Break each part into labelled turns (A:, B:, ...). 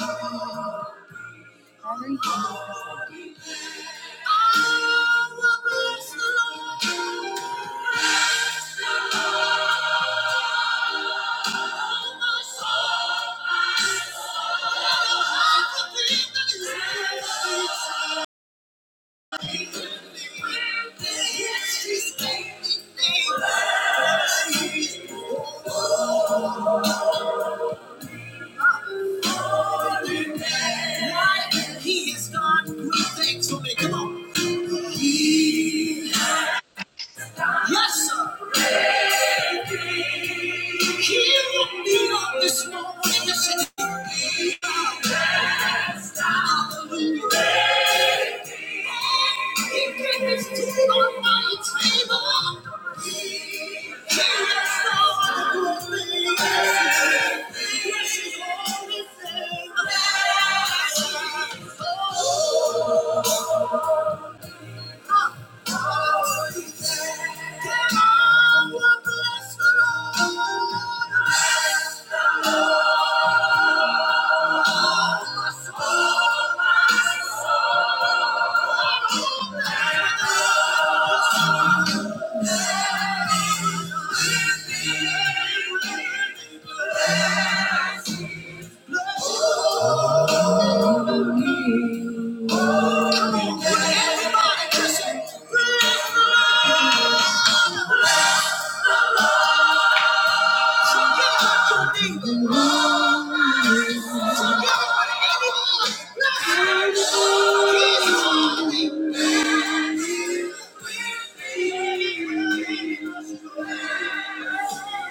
A: Oh, Every single percent. I will bless the Lord. Bless the my soul, my soul. And all the things that is within me. Yes, He's made me. Yes, He's he is God. Give him thanks for me. Come on. He- Yes, sir. He woke me up this morning. Yes, he did. Hallelujah. He gave his food on my table. He is God. Oh, my soul. Thank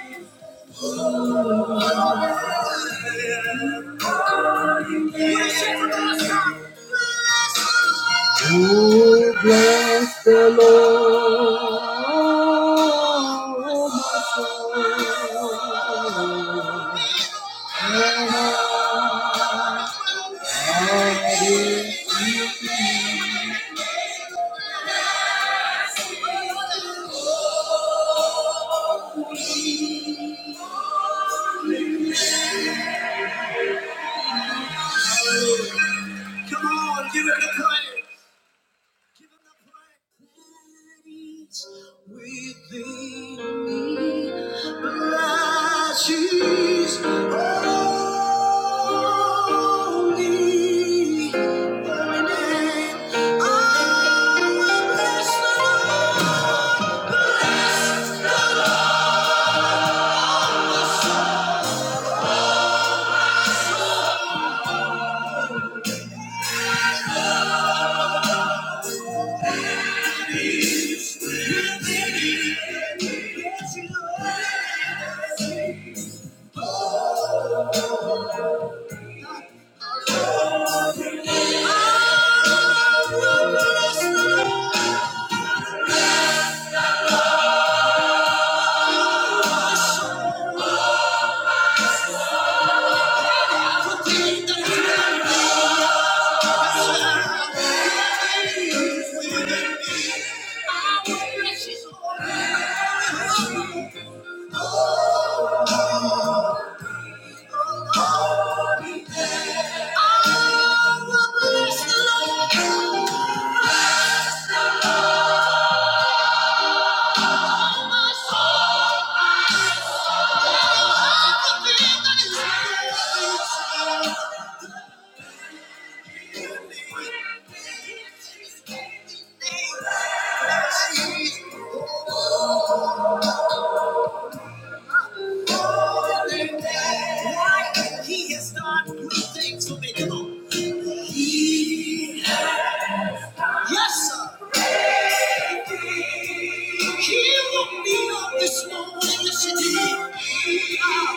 A: you. Oh, bless the Lord, oh my soul. And all that is within Come on, give it a claim. Give him the praise within me. Bless his holy holy name. I will bless the Lord. Bless the Lord. Within me. Yes, Lord. Oh, Why He has done good things for me. Come on. He, Yes, sir. He woke me up this morning. Yes, he did. Ah,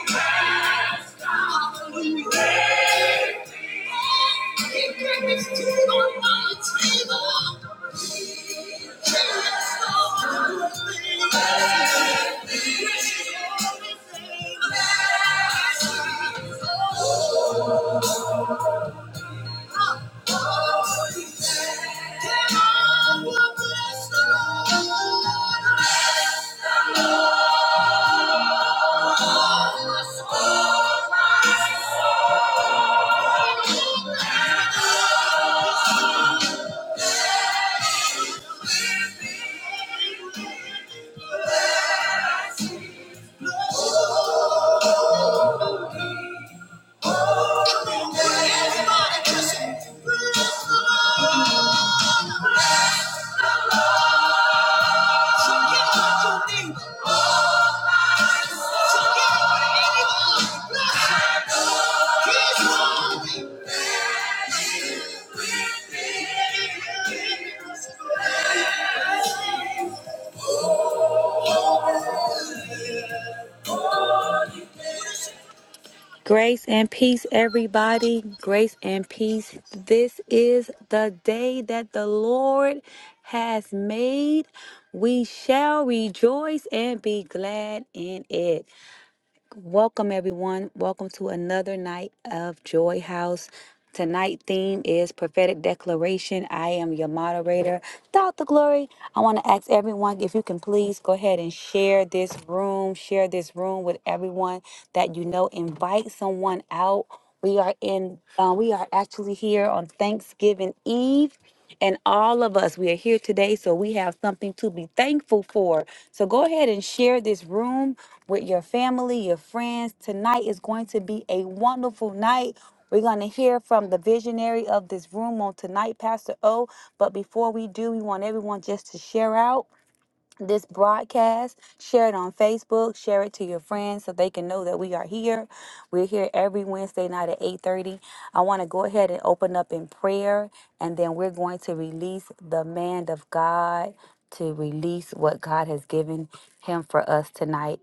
A: hallelujah. He breakfast food on my table. Yes, Lord. Yes, Lord. Yes, Lord. Everybody just bless the Lord. So get up your knees.
B: Grace and peace, everybody. Grace and peace. This is the day that the Lord has made. We shall rejoice and be glad in it. Welcome, everyone. Welcome to another night of Joy House. Tonight theme is prophetic declaration. I am your moderator, Dr. Glory. I want to ask everyone if you can please go ahead and share this room, share this room with everyone that you know. Invite someone out. We are in. Uh, we are actually here on Thanksgiving Eve. And all of us, we are here today, so we have something to be thankful for. So go ahead and share this room with your family, your friends. Tonight is going to be a wonderful night. We're going to hear from the visionary of this room on tonight, Pastor O. But before we do, we want everyone just to share out this broadcast. Share it on Facebook. Share it to your friends so they can know that we are here. We're here every Wednesday night at 8:30. I want to go ahead and open up in prayer, and then we're going to release the man of God to release what God has given him for us tonight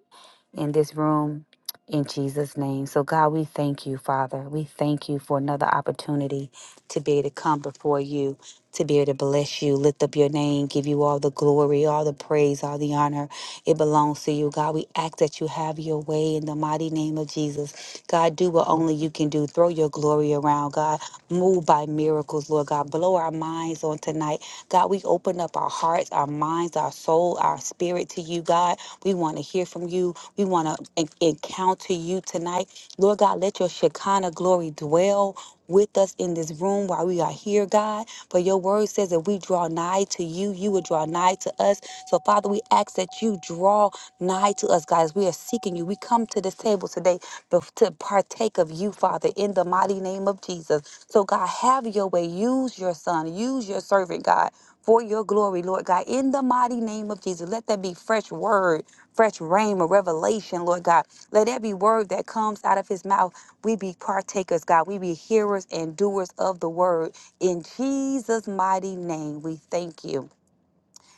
B: in this room in Jesus' name. So, God, we thank you, Father. We thank you for another opportunity to be able to come before you, to be able to bless you, lift up your name, give you all the glory, all the praise, all the honor. It belongs to you, God. We ask that you have your way in the mighty name of Jesus. God, do what only you can do. Throw your glory around, God. Move by miracles, Lord God. Blow our minds on tonight. God, we open up our hearts, our minds, our soul, our spirit to you, God. We want to hear from you. We want to encounter you tonight. Lord God, let your Shekinah glory dwell with us in this room while we are here, God. For your word says that we draw nigh to you, you will draw nigh to us. So, Father, we ask that you draw nigh to us, guys. We are seeking you. We come to this table today bef- to partake of you, Father, in the mighty name of Jesus. So, God, have your way. Use your son, use your servant, God. For your glory, Lord God, in the mighty name of Jesus, let that be fresh word fresh rain or revelation, Lord God. Let every word that comes out of his mouth, we be partakers, God. We be hearers and doers of the word. In Jesus' mighty name, we thank you.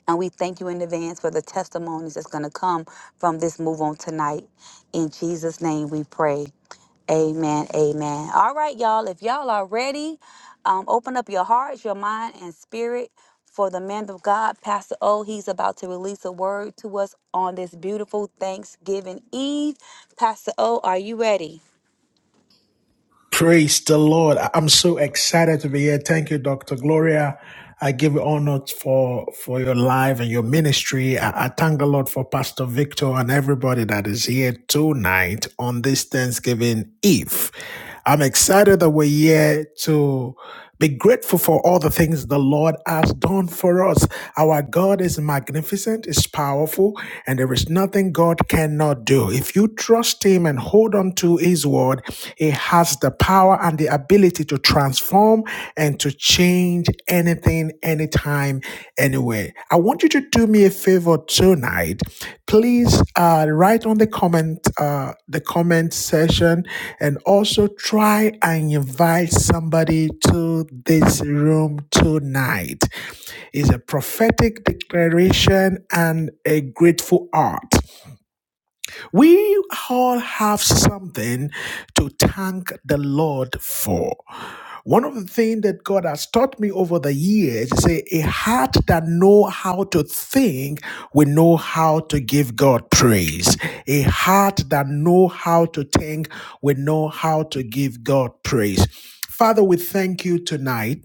B: And we thank you in advance for the testimonies that's going to come from this move on tonight. In Jesus' name we pray. Amen. Amen. All right, y'all. If y'all are ready, um, open up your hearts, your mind, and spirit for the man of God, Pastor O. He's about to release a word to us on this beautiful Thanksgiving Eve. Pastor O, are you ready?
A: Praise the Lord. I- I'm so excited to be here. Thank you, Dr. Gloria. I give you honor for, for your life and your ministry. I, I thank the Lord for Pastor Victor and everybody that is here tonight on this Thanksgiving Eve. I'm excited that we're here to be grateful for all the things the Lord has done for us. Our God is magnificent, is powerful, and there is nothing God cannot do. If you trust Him and hold on to His word, He has the power and the ability to transform and to change anything, anytime, anywhere. I want you to do me a favor tonight please uh, write on the comment uh, the comment section and also try and invite somebody to this room tonight. It's a prophetic declaration and a grateful art. We all have something to thank the Lord for. One of the things that God has taught me over the years is a, a heart that know how to think will know how to give God praise. A heart that know how to think will know how to give God praise. Father, we thank you tonight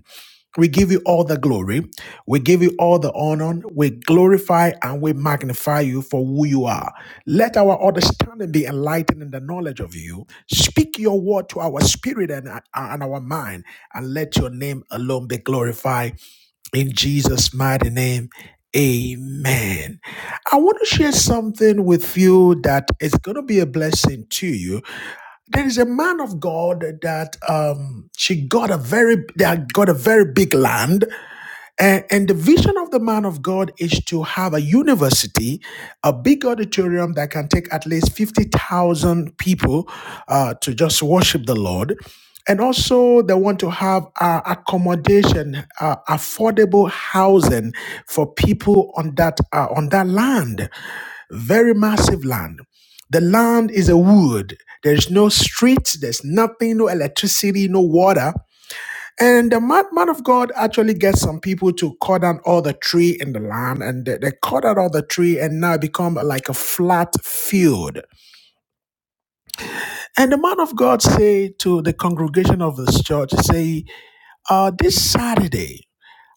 A: we give you all the glory. We give you all the honor. We glorify and we magnify you for who you are. Let our understanding be enlightened in the knowledge of you. Speak your word to our spirit and, and our mind, and let your name alone be glorified. In Jesus' mighty name, amen. I want to share something with you that is going to be a blessing to you. There is a man of God that um, she got a very that got a very big land and, and the vision of the man of God is to have a university, a big auditorium that can take at least 50,000 people uh, to just worship the Lord. And also, they want to have uh, accommodation, uh, affordable housing for people on that uh, on that land. Very massive land. The land is a wood. There's no street. There's nothing. No electricity. No water and the man, man of God actually gets some people to cut down all the tree in the land, and they, they cut out all the tree, and now become like a flat field. And the man of God say to the congregation of this church, say, uh, this Saturday,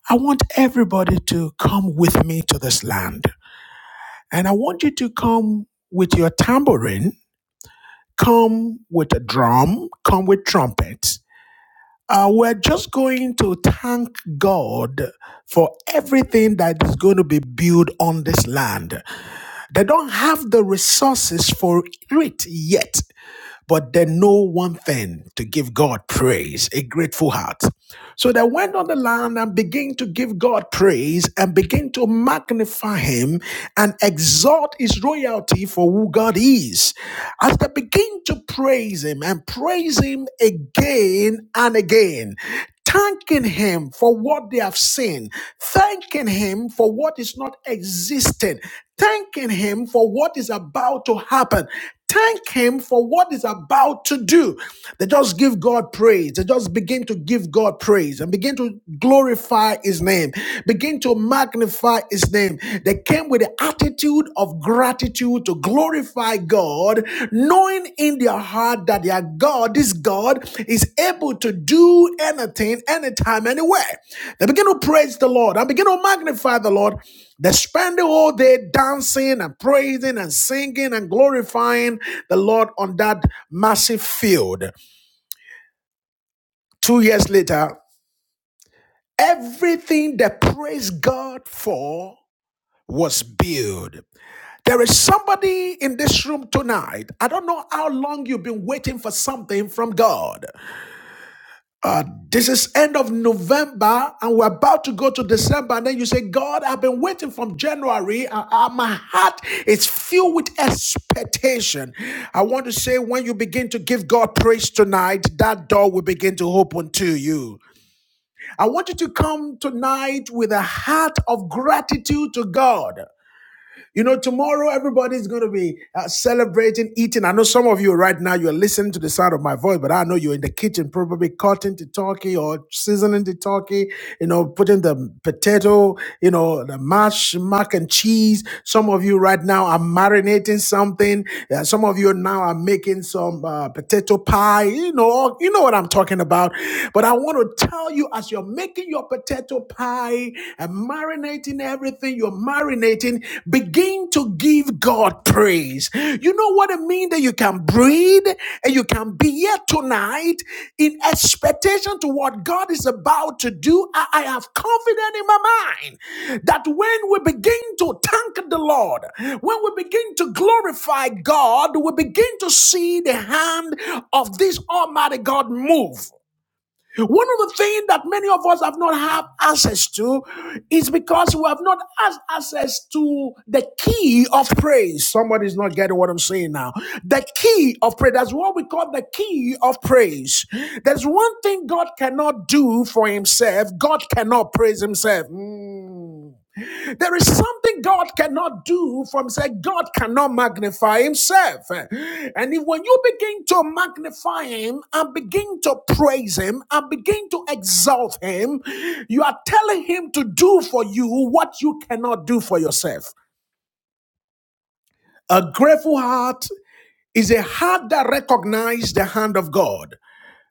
A: I want everybody to come with me to this land, and I want you to come with your tambourine, come with a drum, come with trumpets." Uh, we're just going to thank God for everything that is going to be built on this land. They don't have the resources for it yet, but they know one thing to give God praise, a grateful heart. So they went on the land and began to give God praise and begin to magnify Him and exalt His royalty for who God is. As they begin to praise Him and praise Him again and again, thanking Him for what they have seen, thanking Him for what is not existing, thanking Him for what is about to happen, Thank Him for what is about to do. They just give God praise. They just begin to give God praise and begin to glorify His name, begin to magnify His name. They came with the attitude of gratitude to glorify God, knowing in their heart that their God, this God, is able to do anything, anytime, anywhere. They begin to praise the Lord and begin to magnify the Lord. They spend the whole day dancing and praising and singing and glorifying the Lord on that massive field. Two years later, everything they praised God for was built. There is somebody in this room tonight. I don't know how long you've been waiting for something from God. Uh, this is end of November, and we're about to go to December. And then you say, God, I've been waiting from January. Uh, uh, my heart is filled with expectation. I want to say, when you begin to give God praise tonight, that door will begin to open to you. I want you to come tonight with a heart of gratitude to God. You know, tomorrow everybody's going to be uh, celebrating, eating. I know some of you right now, you're listening to the sound of my voice, but I know you're in the kitchen, probably cutting the turkey or seasoning the turkey, you know, putting the potato, you know, the mash, mac and cheese. Some of you right now are marinating something. Uh, some of you now are making some uh, potato pie. You know, you know what I'm talking about. But I want to tell you, as you're making your potato pie, fry and marinating everything you're marinating, begin to give God praise. You know what I mean? That you can breathe and you can be here tonight in expectation to what God is about to do. I, I have confidence in my mind that when we begin to thank the Lord, when we begin to glorify God, we begin to see the hand of this Almighty God move. One of the things that many of us have not had access to is because we have not had access to the key of praise. Somebody's not getting what I'm saying now. The key of praise. That's what we call the key of praise. There's one thing God cannot do for himself. God cannot praise himself. Mm. There is something God cannot do from say God cannot magnify himself. And if when you begin to magnify him and begin to praise him and begin to exalt him, you are telling him to do for you what you cannot do for yourself. A grateful heart is a heart that recognizes the hand of God.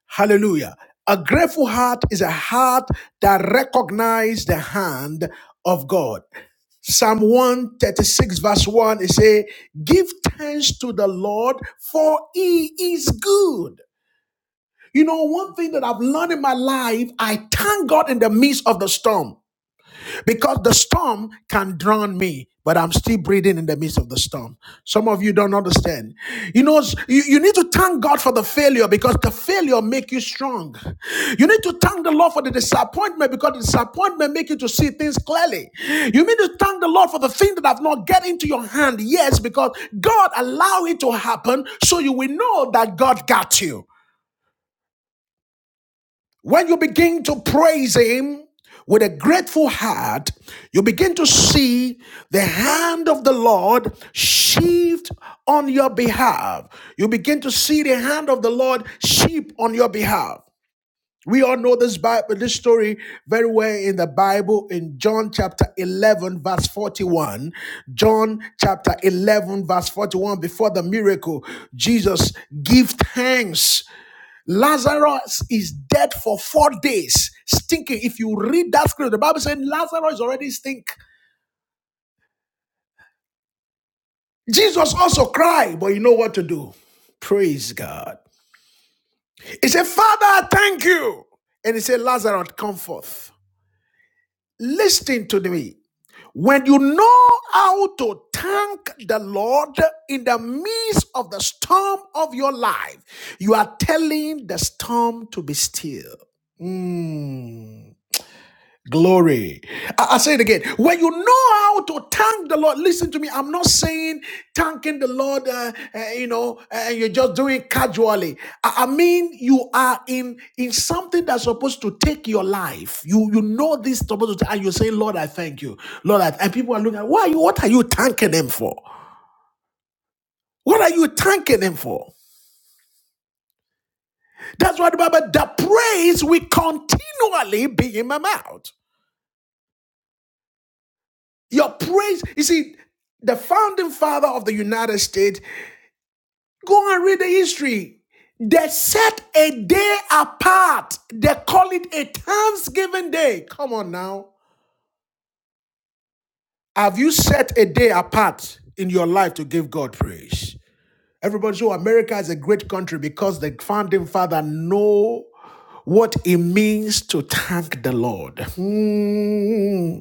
A: Hallelujah. A grateful heart is a heart that recognizes the hand of God. Psalm 136 verse 1, it say, give thanks to the Lord for he is good. You know, one thing that I've learned in my life, I thank God in the midst of the storm because the storm can drown me but i'm still breathing in the midst of the storm some of you don't understand you know you, you need to thank god for the failure because the failure make you strong you need to thank the lord for the disappointment because the disappointment make you to see things clearly you need to thank the lord for the thing that have not get into your hand yes because god allow it to happen so you will know that god got you when you begin to praise Him with a grateful heart, you begin to see the hand of the Lord shift on your behalf. You begin to see the hand of the Lord sheep on your behalf. We all know this Bible, this story very well in the Bible in John chapter 11, verse 41. John chapter 11, verse 41, before the miracle, Jesus gave thanks Lazarus is dead for four days, stinking. If you read that scripture, the Bible said Lazarus already stink. Jesus also cried, but you know what to do. Praise God. He said, Father, thank you. And he said, Lazarus, come forth. Listen to me. When you know how to thank the Lord in the midst of the storm of your life, you are telling the storm to be still. Mm. Glory. I, I say it again. When you know how to thank the Lord, listen to me. I'm not saying thanking the Lord, uh, uh, you know, uh, and you're just doing it casually. I, I mean, you are in in something that's supposed to take your life. You you know this is supposed to, and you're saying, Lord, I thank you, Lord. I, and people are looking at, why are you? What are you thanking Him for? What are you thanking Him for? That's why the Bible, the praise will continually be in my mouth. Your praise, you see, the founding father of the United States, go and read the history. They set a day apart. They call it a Thanksgiving day. Come on now. Have you set a day apart in your life to give God praise? Everybody, so America is a great country because the founding father know what it means to thank the Lord. Hmm.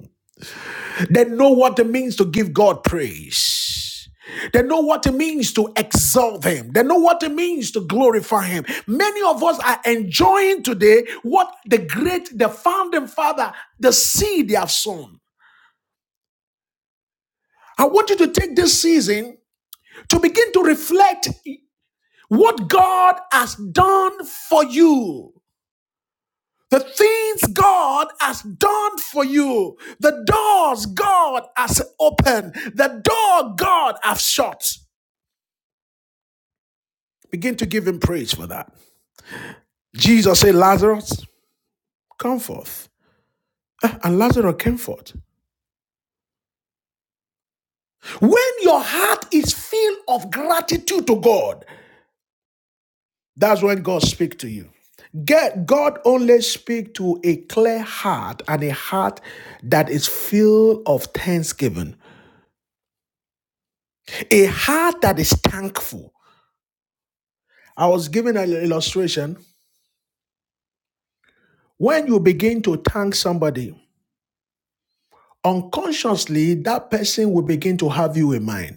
A: They know what it means to give God praise. They know what it means to exalt Him. They know what it means to glorify Him. Many of us are enjoying today what the great, the founding father, the seed they have sown. I want you to take this season to begin to reflect what God has done for you. The things God has done for you, the doors God has opened, the door God has shut. Begin to give him praise for that. Jesus said, Lazarus, come forth. Ah, And Lazarus came forth. When your heart is filled of gratitude to God, that's when God speaks to you. Get God only speak to a clear heart and a heart that is filled of thanksgiving, a heart that is thankful. I was given an illustration. When you begin to thank somebody, unconsciously that person will begin to have you in mind.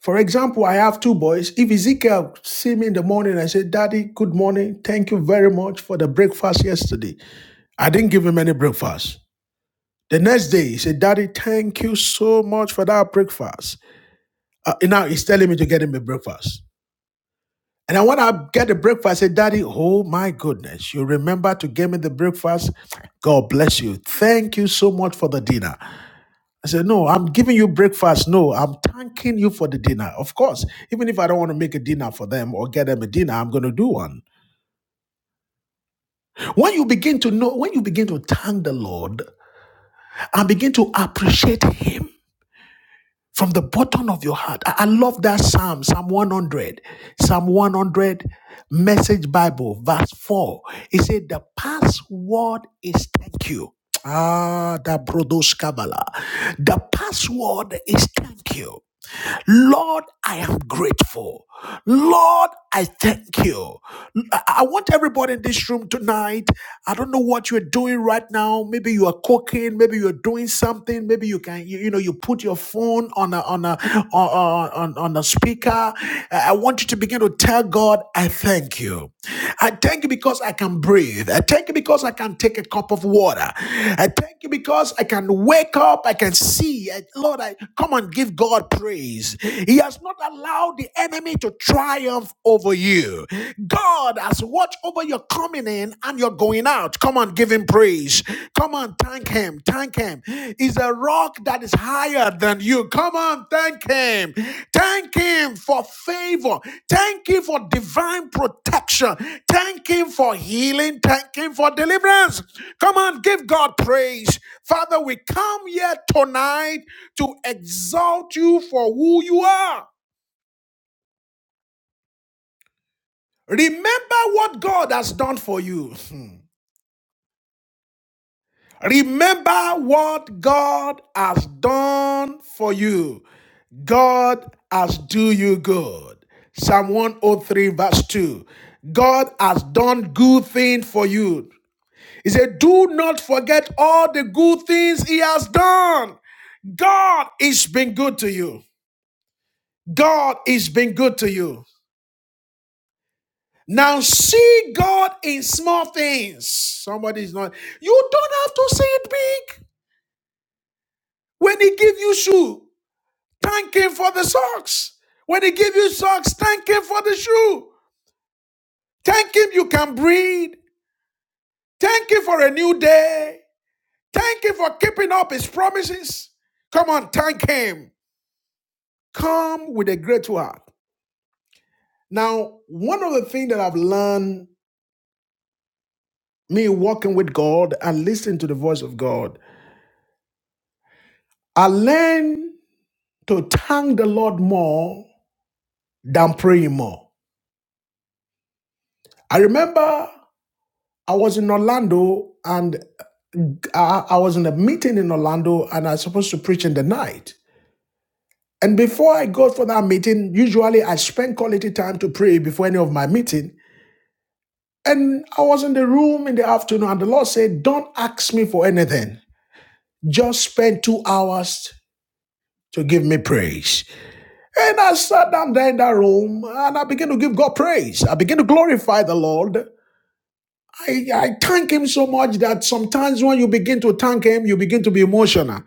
A: For example, I have two boys. If Ezekiel see me in the morning I say, Daddy, good morning. Thank you very much for the breakfast yesterday. I didn't give him any breakfast. The next day, he said, Daddy, thank you so much for that breakfast. Uh, now he's telling me to get him a breakfast. And then when I get the breakfast, I say, Daddy, oh my goodness, you remember to give me the breakfast. God bless you. Thank you so much for the dinner. I said, No, I'm giving you breakfast. No, I'm thanking you for the dinner. Of course, even if I don't want to make a dinner for them or get them a dinner, I'm going to do one. When you begin to know, when you begin to thank the Lord and begin to appreciate Him from the bottom of your heart, I, I love that Psalm, Psalm 100, Psalm 100, Message Bible, verse 4. It said, The password is thank you. Ah, the Brodos Kabbalah. The password is thank you. Lord, I am grateful. Lord, I thank you. I want everybody in this room tonight. I don't know what you're doing right now. Maybe you are cooking. Maybe you're doing something. Maybe you can, you, you know, you put your phone on a on a on on, on a speaker. I want you to begin to tell God, I thank you. I thank you because I can breathe. I thank you because I can take a cup of water. I thank you because I can wake up. I can see. I- Lord, I come and give God praise. He has not allowed the enemy to triumph over you. God has watched over your coming in and your going out. Come on, give him praise. Come on, thank him. Thank him. He's a rock that is higher than you. Come on, thank him. Thank him for favor. Thank him for divine protection. Thank him for healing. Thank him for deliverance. Come on, give God praise. Father, we come here tonight to exalt you for who you are. Remember what God has done for you. Remember what God has done for you. God has do you good. Psalm 103 verse 2. God has done good thing for you. He said, do not forget all the good things he has done. God is been good to you. God is been good to you. Now see God in small things. Somebody is not. You don't have to see it big. When he give you shoe, thank him for the socks. When he give you socks, thank him for the shoe. Thank Him you can breathe. Thank Him for a new day. Thank Him for keeping up His promises. Come on, thank Him. Come with a grateful heart. Now, one of the things that I've learned me walking with God and listening to the voice of God, I learned to thank the Lord more than praying more. I remember I was in Orlando and I, I was in a meeting in Orlando and I was supposed to preach in the night. And before I go for that meeting, usually I spend quality time to pray before any of my meeting. And I was in the room in the afternoon, and the Lord said, Don't ask me for anything. Just spend two hours to give me praise. And I sat down there in that room and I began to give God praise. I began to glorify the Lord. I, I thank Him so much that sometimes when you begin to thank Him, you begin to be emotional.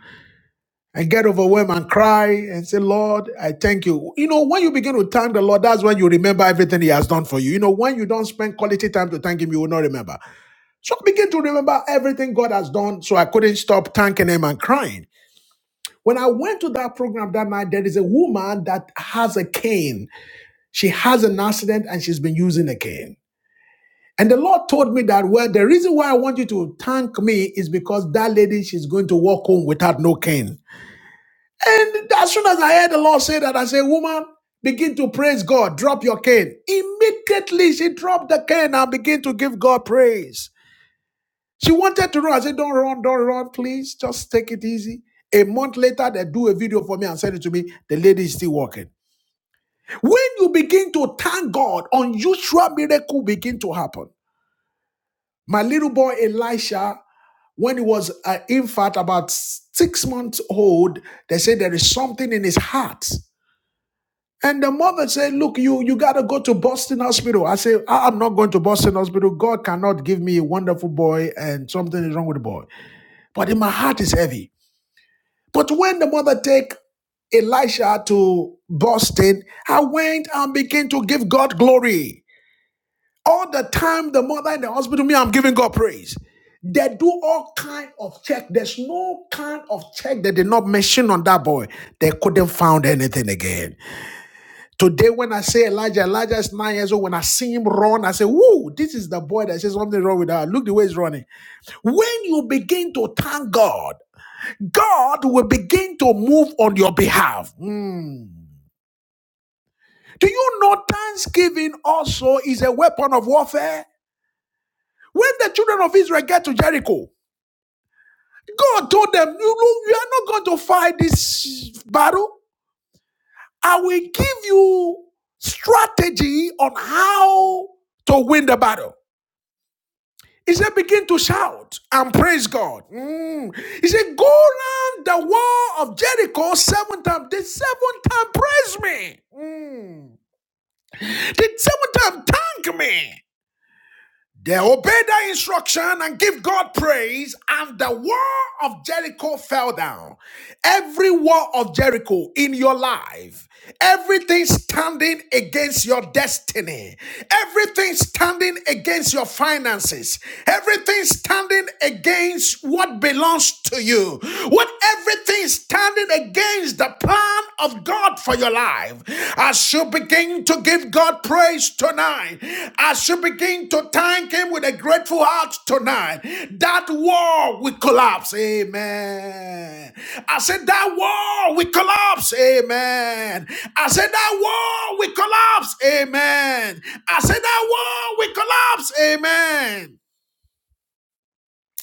A: and get overwhelmed and cry and say, Lord, I thank you. You know, when you begin to thank the Lord, that's when you remember everything He has done for you. You know, when you don't spend quality time to thank Him, you will not remember. So I begin to remember everything God has done. So I couldn't stop thanking Him and crying. When I went to that program that night, there is a woman that has a cane. She has an accident and she's been using a cane. And the Lord told me that, well, the reason why I want you to thank me is because that lady, she's going to walk home without no cane. And as soon as I heard the Lord say that, I said, Woman, begin to praise God. Drop your cane. Immediately she dropped the cane and began to give God praise. She wanted to run. I said, Don't run, don't run, please. Just take it easy. A month later, they do a video for me and send it to me. The lady is still walking. When you begin to thank God, unusual miracle begin to happen. My little boy Elisha, when he was an infant, about six months old, they said there is something in his heart. And the mother said, Look, you, you got to go to Boston Hospital. I said, "I- am not going to Boston Hospital. God cannot give me a wonderful boy and something is wrong with the boy. But in my heart is heavy. But when the mother take Elisha to Boston, I went and began to give God glory. All the time, the mother in the hospital, me, I'm giving God praise. They do all kind of check. There's no kind of check they did not mention on that boy. They couldn't find anything again. Today, when I say Elijah, Elijah is nine years old. When I see him run, I say, Whoa, this is the boy that says something wrong with her. Look the way he's running. When you begin to thank God, God will begin to move on your behalf. Hmm. Do you know thanksgiving also is a weapon of warfare? When the children of Israel get to Jericho, God told them, You, you are not going to fight this battle. I will give you strategy on how to win the battle. He said, begin to shout and praise God. Mm. He said, go round the wall of Jericho seven times. The seventh time, praise me. Mm. The seventh time, thank me. They obeyed that instruction and give God praise, and the wall of Jericho fell down. Every wall of Jericho in your life, everything standing against your destiny, everything standing against your finances, everything standing against what belongs to you, what everything standing against the plan of God for your life. As you begin to give God praise tonight, as you begin to thank Him with a grateful heart tonight, that wall will collapse. Amen. I said, That wall will collapse. Amen. I said, That wall will collapse. Amen. I said, That wall will collapse. Amen.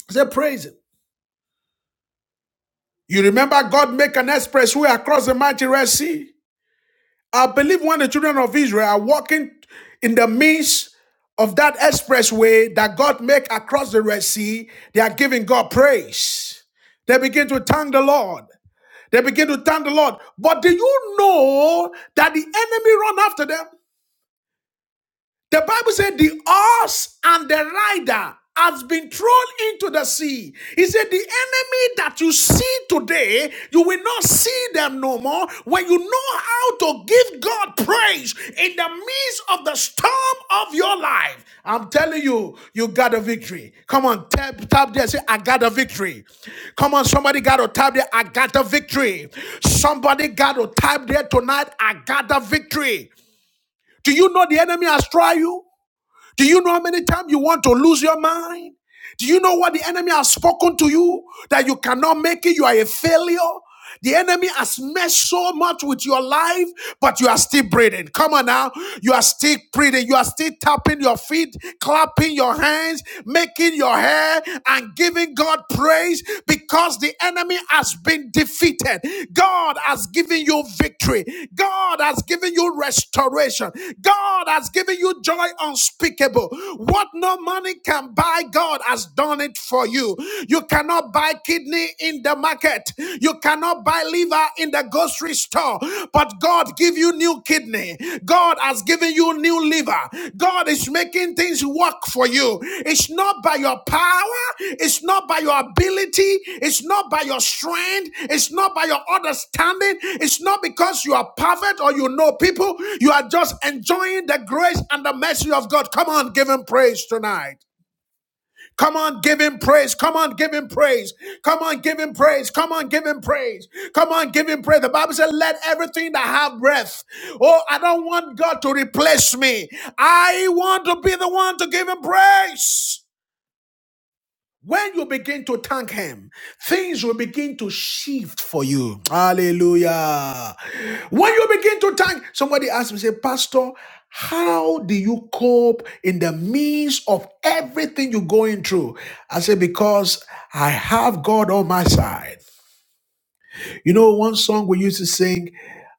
A: I said, Praise Him. You remember God make an express way across the mighty Red Sea? I believe when the children of Israel are walking in the midst of that expressway that God make across the Red Sea, they are giving God praise. They begin to thank the Lord. They begin to thank the Lord. But do you know that the enemy run after them? The Bible said the horse and the rider has been thrown into the sea. He said, The enemy that you see today, you will not see them no more. When you know how to give God praise in the midst of the storm of your life, I'm telling you, you got a victory. Come on, tap, tap there, say, I got a victory. Come on, somebody got to tap there, I got a victory. Somebody got to tap there tonight, I got a victory. Do you know the enemy has tried you? Do you know how many times you want to lose your mind? Do you know what the enemy has spoken to you? That you cannot make it, you are a failure. The enemy has messed so much with your life, but you are still breathing. Come on now. You are still breathing. You are still tapping your feet, clapping your hands, making your hair, and giving God praise because the enemy has been defeated. God has given you victory. God has given you restoration. God has given you joy unspeakable. What no money can buy my God has done it for you. You cannot buy kidney in the market. You cannot buy liver in the grocery store. But God give you new kidney. God has given you new liver. God is making things work for you. It's not by your power. It's not by your ability. It's not by your strength. It's not by your understanding. It's not because you are perfect or you know people. You are just enjoying the grace and the mercy of God. Come on, give him praise tonight. Come on, give him praise. Come on, give him praise. Come on, give him praise. Come on, give him praise. Come on, give him praise. The Bible said, let everything that have breath. Oh, I don't want God to replace me. I want to be the one to give him praise. When you begin to thank Him, things will begin to shift for you. Hallelujah. When you begin to thank, somebody asked me, say, Pastor, how do you cope in the midst of everything you're going through? I said, Because I have God on my side. You know, one song we used to sing,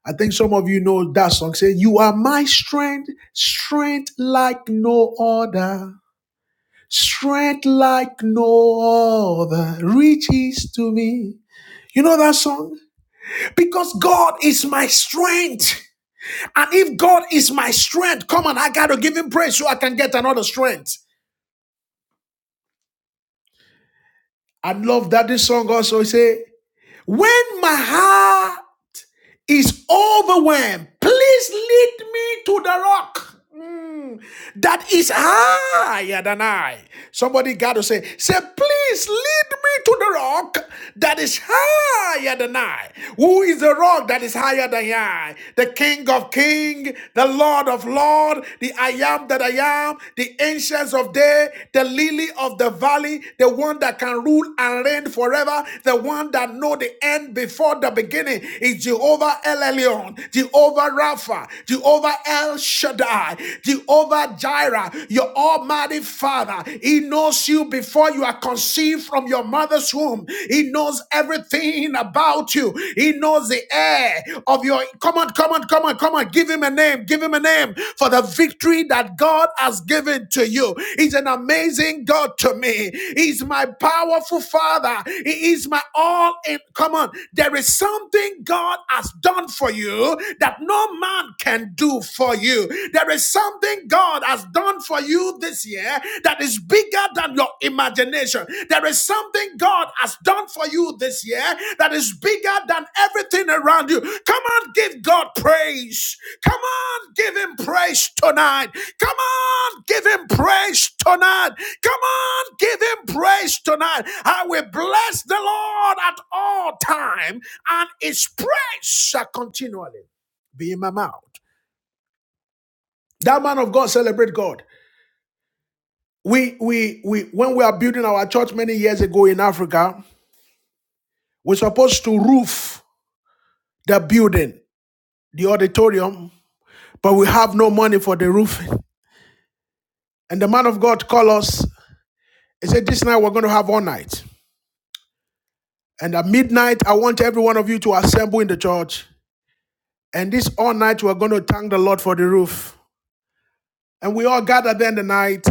A: I think some of you know that song, say, You are my strength, strength like no other. Strength like no other reaches to me. You know that song? Because God is my strength. And if God is my strength, come on, I got to give him praise so I can get another strength. I love that this song also say, when my heart is overwhelmed. Please lead me to the rock mm, that is higher than I. Somebody got to say, say, please lead me to the rock that is higher than I. Who is the rock that is higher than I? The King of King, the Lord of Lord, the I am that I am, the ancients of day, the lily of the valley, the one that can rule and reign forever, the one that know the end before the beginning. It's is Jehovah El Elyon, Jehovah Rapha, Jehovah El Shaddai, Jehovah Jireh, your Almighty Father. He knows you before you are conceived from your mother's womb. He knows everything about you. He knows the air of your. Come on, come on, come on, come on. Give him a name. Give him a name for the victory that God has given to you. He's an amazing God to me. He's my powerful Father. He is my all. In come on, there is something something God has done for you that no man can do for you. There is something God has done for you this year that is bigger than your imagination. There is something God has done for you this year that is bigger than everything around you. Come on, give God praise. Come on, give Him praise tonight. Come on, give Him praise tonight. Come on, give Him praise tonight. I will bless the Lord at all time and his praise shall continually be in my mouth. That man of God celebrate God. We we we when we are building our church many years ago in Africa, we're supposed to roof the building, the auditorium, but we have no money for the roofing. And the man of God called us. He said, This night we're going to have all night. And at midnight, I want every one of you to assemble in the church. And this all night we're going to thank the Lord for the roof. And we all gathered there in the night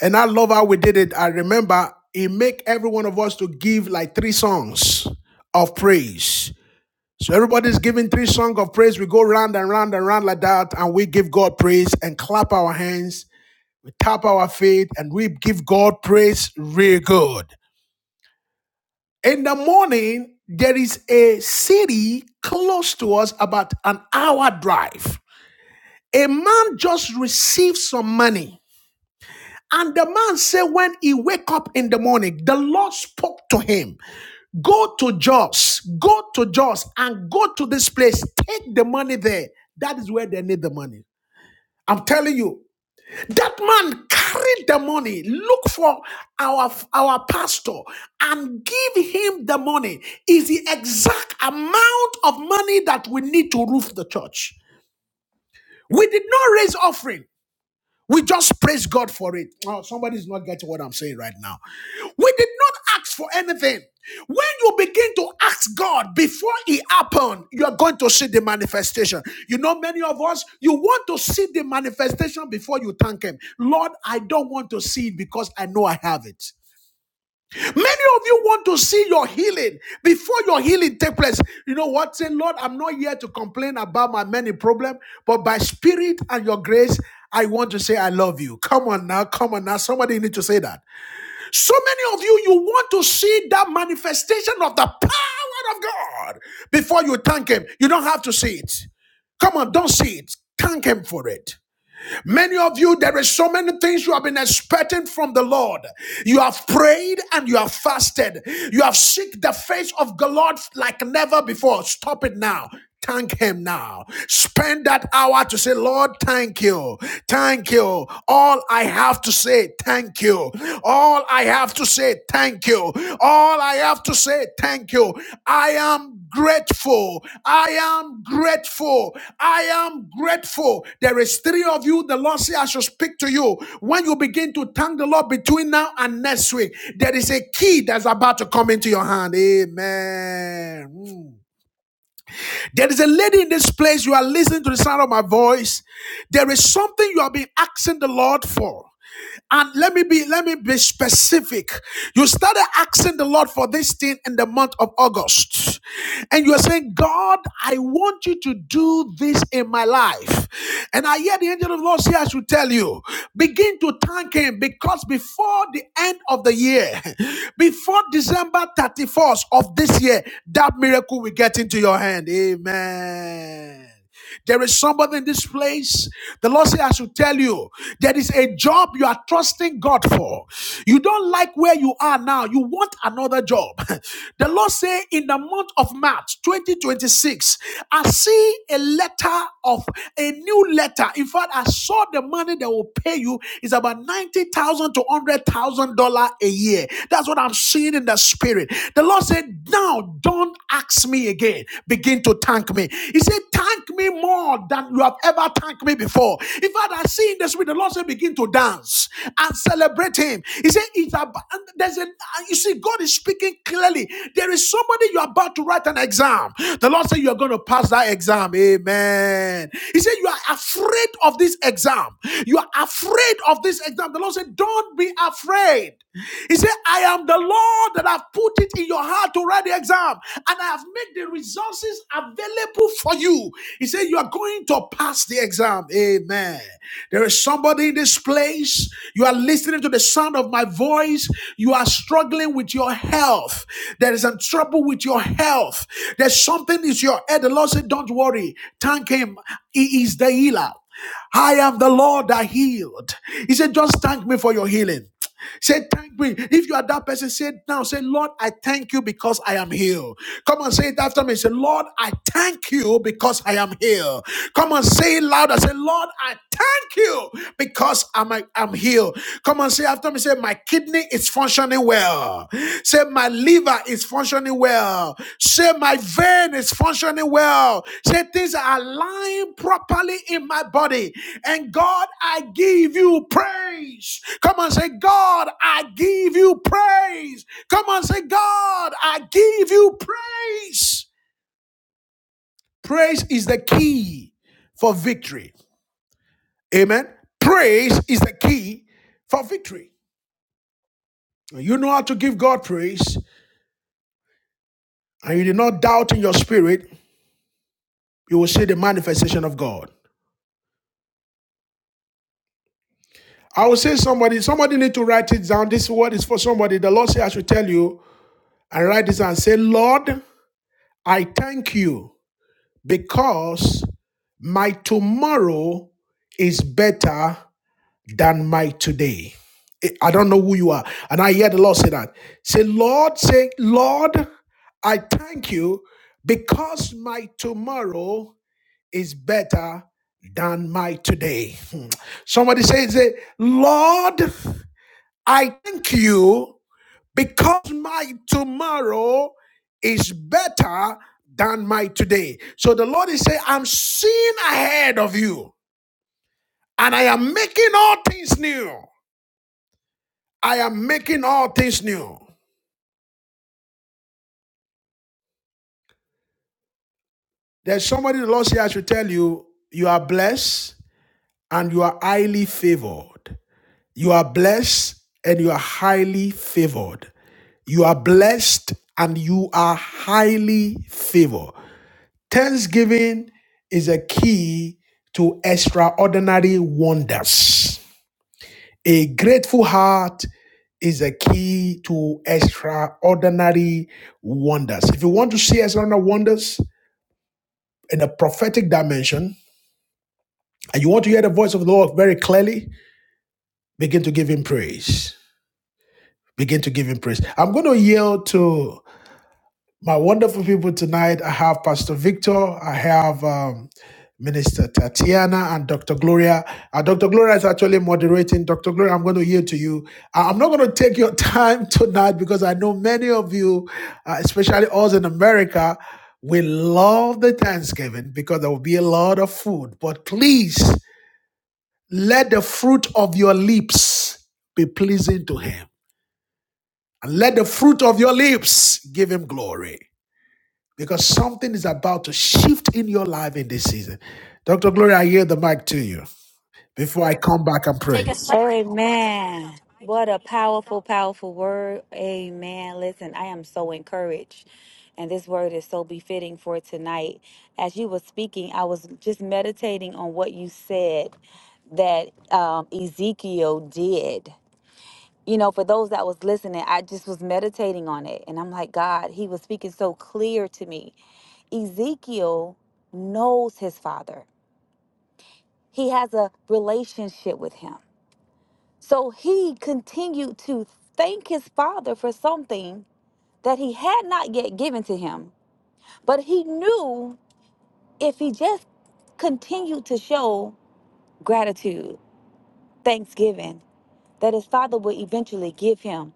A: And I love how we did it. I remember he make every one of us to give like three songs of praise. So everybody's giving three songs of praise. We go round and round and round like that, and we give God praise and clap our hands. We tap our feet and we give God praise real good. In the morning, there is a city close to us, about an hour drive. A man just received some money And the man said, when he wake up in the morning, the Lord spoke to him, go to Joss, go to Joss and go to this place, take the money there. That is where they need the money. I'm telling you, that man carried the money, look for our, our pastor and give him the money is the exact amount of money that we need to roof the church. We did not raise offering. We just praise God for it. Oh, somebody's not getting what I'm saying right now. We did not ask for anything. When you begin to ask God before it happened, you are going to see the manifestation. You know, many of us, you want to see the manifestation before you thank Him. Lord, I don't want to see it because I know I have it. Many of you want to see your healing before your healing take place. You know what? Say, Lord, I'm not here to complain about my many problems, but by spirit and your grace, I want to say I love you. Come on now, come on now. Somebody need to say that. So many of you, you want to see that manifestation of the power of God before you thank Him. You don't have to see it. Come on, don't see it. Thank Him for it. Many of you, there is so many things you have been expecting from the Lord. You have prayed and you have fasted. You have seeked the face of the Lord like never before. Stop it now. Thank him now. Spend that hour to say, Lord, thank you. Thank you. All I have to say, thank you. All I have to say thank you. All I have to say thank you. I am grateful. I am grateful. I am grateful. There is three of you. The Lord say I should speak to you. When you begin to thank the Lord between now and next week, there is a key that's about to come into your hand. Amen. Mm. There is a lady in this place. You are listening to the sound of my voice. There is something you have been asking the Lord for. And let me be let me be specific. You started asking the Lord for this thing in the month of August. And you are saying, God, I want you to do this in my life. And I hear the angel of the Lord say, I should tell you, begin to thank him because before the end of the year, before December 31st of this year, that miracle will get into your hand. Amen. There is somebody in this place. The Lord said, I should tell you, there is a job you are trusting God for. You don't like where you are now. You want another job. The Lord said, in the month of March 2026, I see a letter of a new letter. In fact, I saw the money they will pay you is about $90,000 to $100,000 a year. That's what I'm seeing in the spirit. The Lord said, now don't ask me again. Begin to thank me. He said, thank me more than you have ever thanked me before. In fact, I see in the spirit, the Lord said, begin to dance and celebrate Him. He said, it's about, and there's a, uh, you see, God is speaking clearly. There is somebody you're about to write an exam. The Lord said, you're going to pass that exam. Amen. He said, you are afraid of this exam. You are afraid of this exam. The Lord said, don't be afraid. He said, I am am the Lord that I have put it in your heart to write the exam, and I have made the resources available for you. He said, You are going to pass the exam. Amen. There is somebody in this place. You are listening to the sound of my voice. You are struggling with your health. There is some trouble with your health. There's something is your head. The Lord said, Don't worry. Thank Him. He is the healer. I am the Lord that healed. He said, Just thank me for your healing. Say, thank me. If you are that person, say now. Say, Lord, I thank you because I am healed. Come on, say it after me. Say, Lord, I thank you because I am healed. Come on, say it louder. Say, Lord, I thank you because I'm, I'm healed. Come on, say after me. Say, my kidney is functioning well. Say, my liver is functioning well. Say my vein is functioning well. Say things are aligned properly in my body. And God, I give you praise. Come on, say, God, I give you praise. Come on, say, God, I give you praise. Praise is the key for victory. Amen. Praise is the key for victory. You know how to give God praise, and you did not doubt in your spirit You will see the manifestation of God. I will say somebody, somebody need to write it down. This word is for somebody. The Lord say I should tell you and write this and say, Lord, I thank you because my tomorrow is better than my today. I I don't know who you are. And I hear the Lord say that. Say, Lord, say, Lord, I thank you because my tomorrow is better than my today. Hmm. Somebody says, eh, Lord, I thank you because my tomorrow is better than my today. So the Lord is saying, I'm seeing ahead of you and I am making all things new. I am making all things new. There's somebody the Lord says, I should tell you, you are blessed and you are highly favored. You are blessed and you are highly favored. You are blessed and you are highly favored. Thanksgiving is a key to extraordinary wonders. A grateful heart is a key to extraordinary wonders. If you want to see extraordinary wonders in a prophetic dimension and you want to hear the voice of the Lord very clearly, begin to give him praise. Begin to give him praise. I'm going to yield to my wonderful people tonight. I have Pastor Victor, I have um, Minister Tatiana, and Dr. Gloria. Uh, Dr. Gloria is actually moderating. Dr. Gloria, I'm going to yield to you. Uh, I'm not going to take your time tonight because I know many of you, uh, especially us in America, we love the Thanksgiving because there will be a lot of food. But please let the fruit of your lips be pleasing to Him. And let the fruit of your lips give him glory because something is about to shift in your life in this season. Dr. Gloria, I yield the mic to you before I come back and pray.
B: Amen. What a powerful, powerful word. Amen. Listen, I am so encouraged. And this word is so befitting for tonight. As you were speaking, I was just meditating on what you said. that um, Ezekiel did. You know, for those that was listening, I just was meditating on it. And I'm like, God, he was speaking so clear to me. Ezekiel knows his father, he has a relationship with him. So he continued to thank his father for something that he had not yet given to him. But he knew if he just continued to show gratitude, thanksgiving, that his father would eventually give him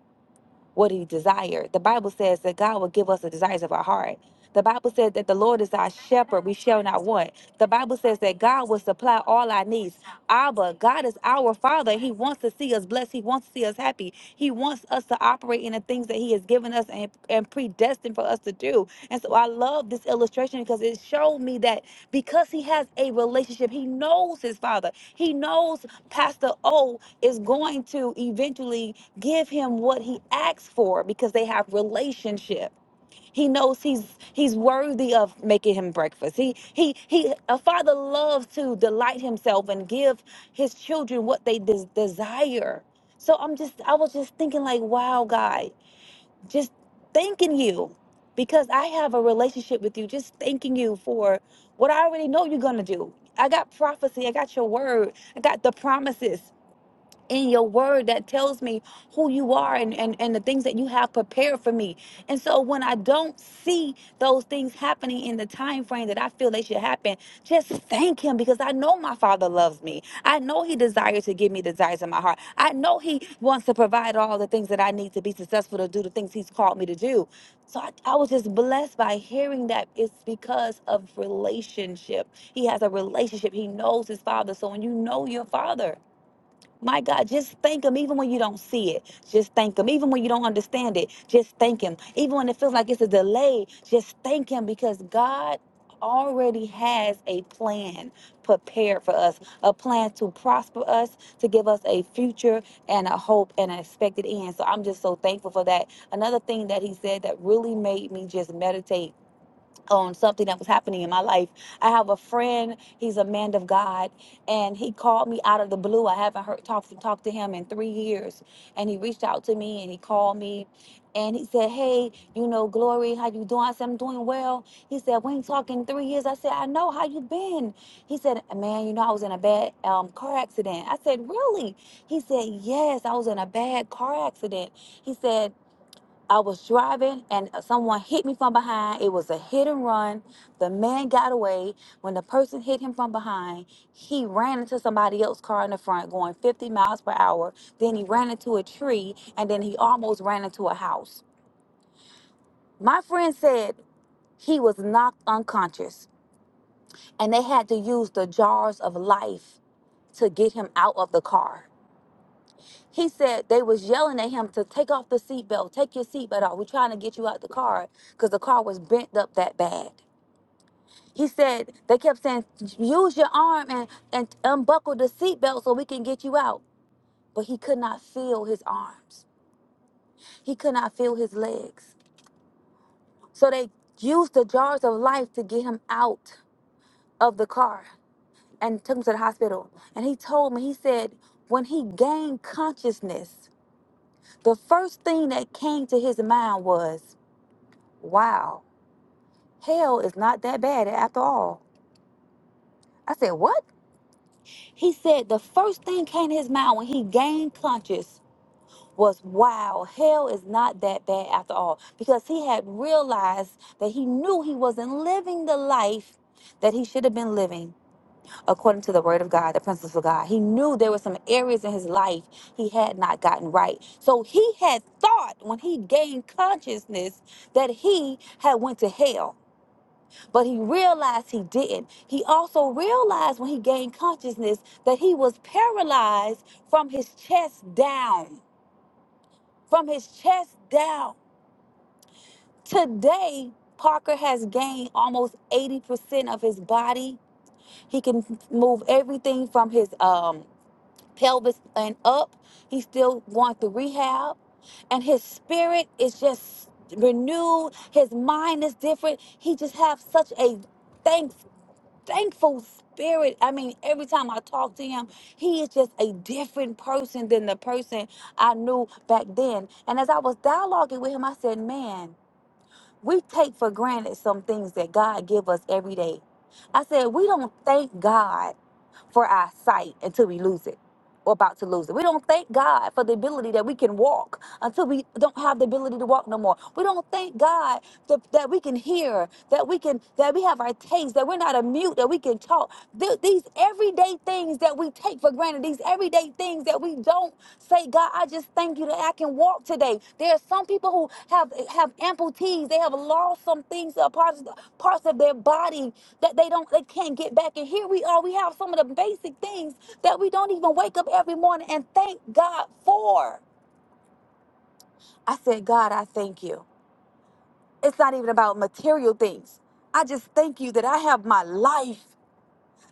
B: what he desired. The Bible says that God will give us the desires of our heart. The Bible says that the Lord is our shepherd, we shall not want. The Bible says that God will supply all our needs. Abba, God is our Father. He wants to see us blessed. He wants to see us happy. He wants us to operate in the things that He has given us and, and predestined for us to do. And so I love this illustration because it showed me that because He has a relationship, He knows His Father. He knows Pastor O is going to eventually give him what he asks for because they have relationship. He knows he's he's worthy of making him breakfast. He he he a father loves to delight himself and give his children what they des- desire. So I'm just I was just thinking like, wow, God, just thanking you because I have a relationship with you. Just thanking you for what I already know you're gonna do. I got prophecy. I got your word. I got the promises in your word that tells me who you are and, and, and the things that you have prepared for me. And so when I don't see those things happening in the time frame that I feel they should happen, just thank him because I know my father loves me. I know he desires to give me desires in my heart. I know he wants to provide all the things that I need to be successful to do the things he's called me to do. So I, I was just blessed by hearing that it's because of relationship. He has a relationship. He knows his father. So when you know your father, my God, just thank Him even when you don't see it. Just thank Him even when you don't understand it. Just thank Him. Even when it feels like it's a delay, just thank Him because God already has a plan prepared for us, a plan to prosper us, to give us a future and a hope and an expected end. So I'm just so thankful for that. Another thing that He said that really made me just meditate on something that was happening in my life. I have a friend, he's a man of God, and he called me out of the blue. I haven't heard talked talked to him in 3 years, and he reached out to me and he called me and he said, "Hey, you know, Glory, how you doing?" I said, "I'm doing well." He said, "We ain't talking 3 years." I said, "I know. How you been?" He said, "Man, you know, I was in a bad um, car accident." I said, "Really?" He said, "Yes, I was in a bad car accident." He said I was driving and uh, someone hit me from behind. It was a hit and run. The man got away. When the person hit him from behind, he ran into somebody else's car in the front going 50 miles per hour. Then he ran into a tree and then he almost ran into a house. My friend said he was knocked unconscious and they had to use the jars of life to get him out of the car. He said they was yelling at him to take off the seatbelt, take your seatbelt off. We're trying to get you out the car because the car was bent up that bad. He said they kept saying, use your arm and, and unbuckle the seatbelt so we can get you out. But he could not feel his arms. He could not feel his legs. So they used the jars of life to get him out of the car and took him to the hospital. And he told me, he said, when he gained consciousness, the first thing that came to his mind was Wow, hell is not that bad after all. I said, What? He said the first thing came to his mind when he gained conscious was, Wow, hell is not that bad after all. Because he had realized that he knew he wasn't living the life that he should have been living according to the word of God, the principles of God. He knew there were some areas in his life he had not gotten right. So he had thought when he gained consciousness that he had went to hell But he realized he didn't. He also realized when he gained consciousness that he was paralyzed from his chest down. From his chest down. Today, Parker has gained almost 80% of his body. He can move everything from his um, pelvis and up. He's still going through rehab. And his spirit is just renewed. His mind is different. He just has such a thanks thankful spirit. I mean, every time I talk to him, he is just a different person than the person I knew back then. And as I was dialoguing with him, I said, man we take for granted some things that God give us every day. I said we don't thank God for our sight until we lose it or about to lose it. We don't thank God for the ability that we can walk until we don't have the ability to walk no more. We don't thank God that, that we can hear, that we can that we have our taste, that we're not a mute, that we can talk. Th- these everyday things that we take for granted, these everyday things that we don't say god i just thank you that i can walk today there are some people who have have amputees they have lost some things uh, parts, parts of their body that they don't they can't get back and here we are we have some of the basic things that we don't even wake up every morning and thank god for i said god i thank you it's not even about material things i just thank you that i have my life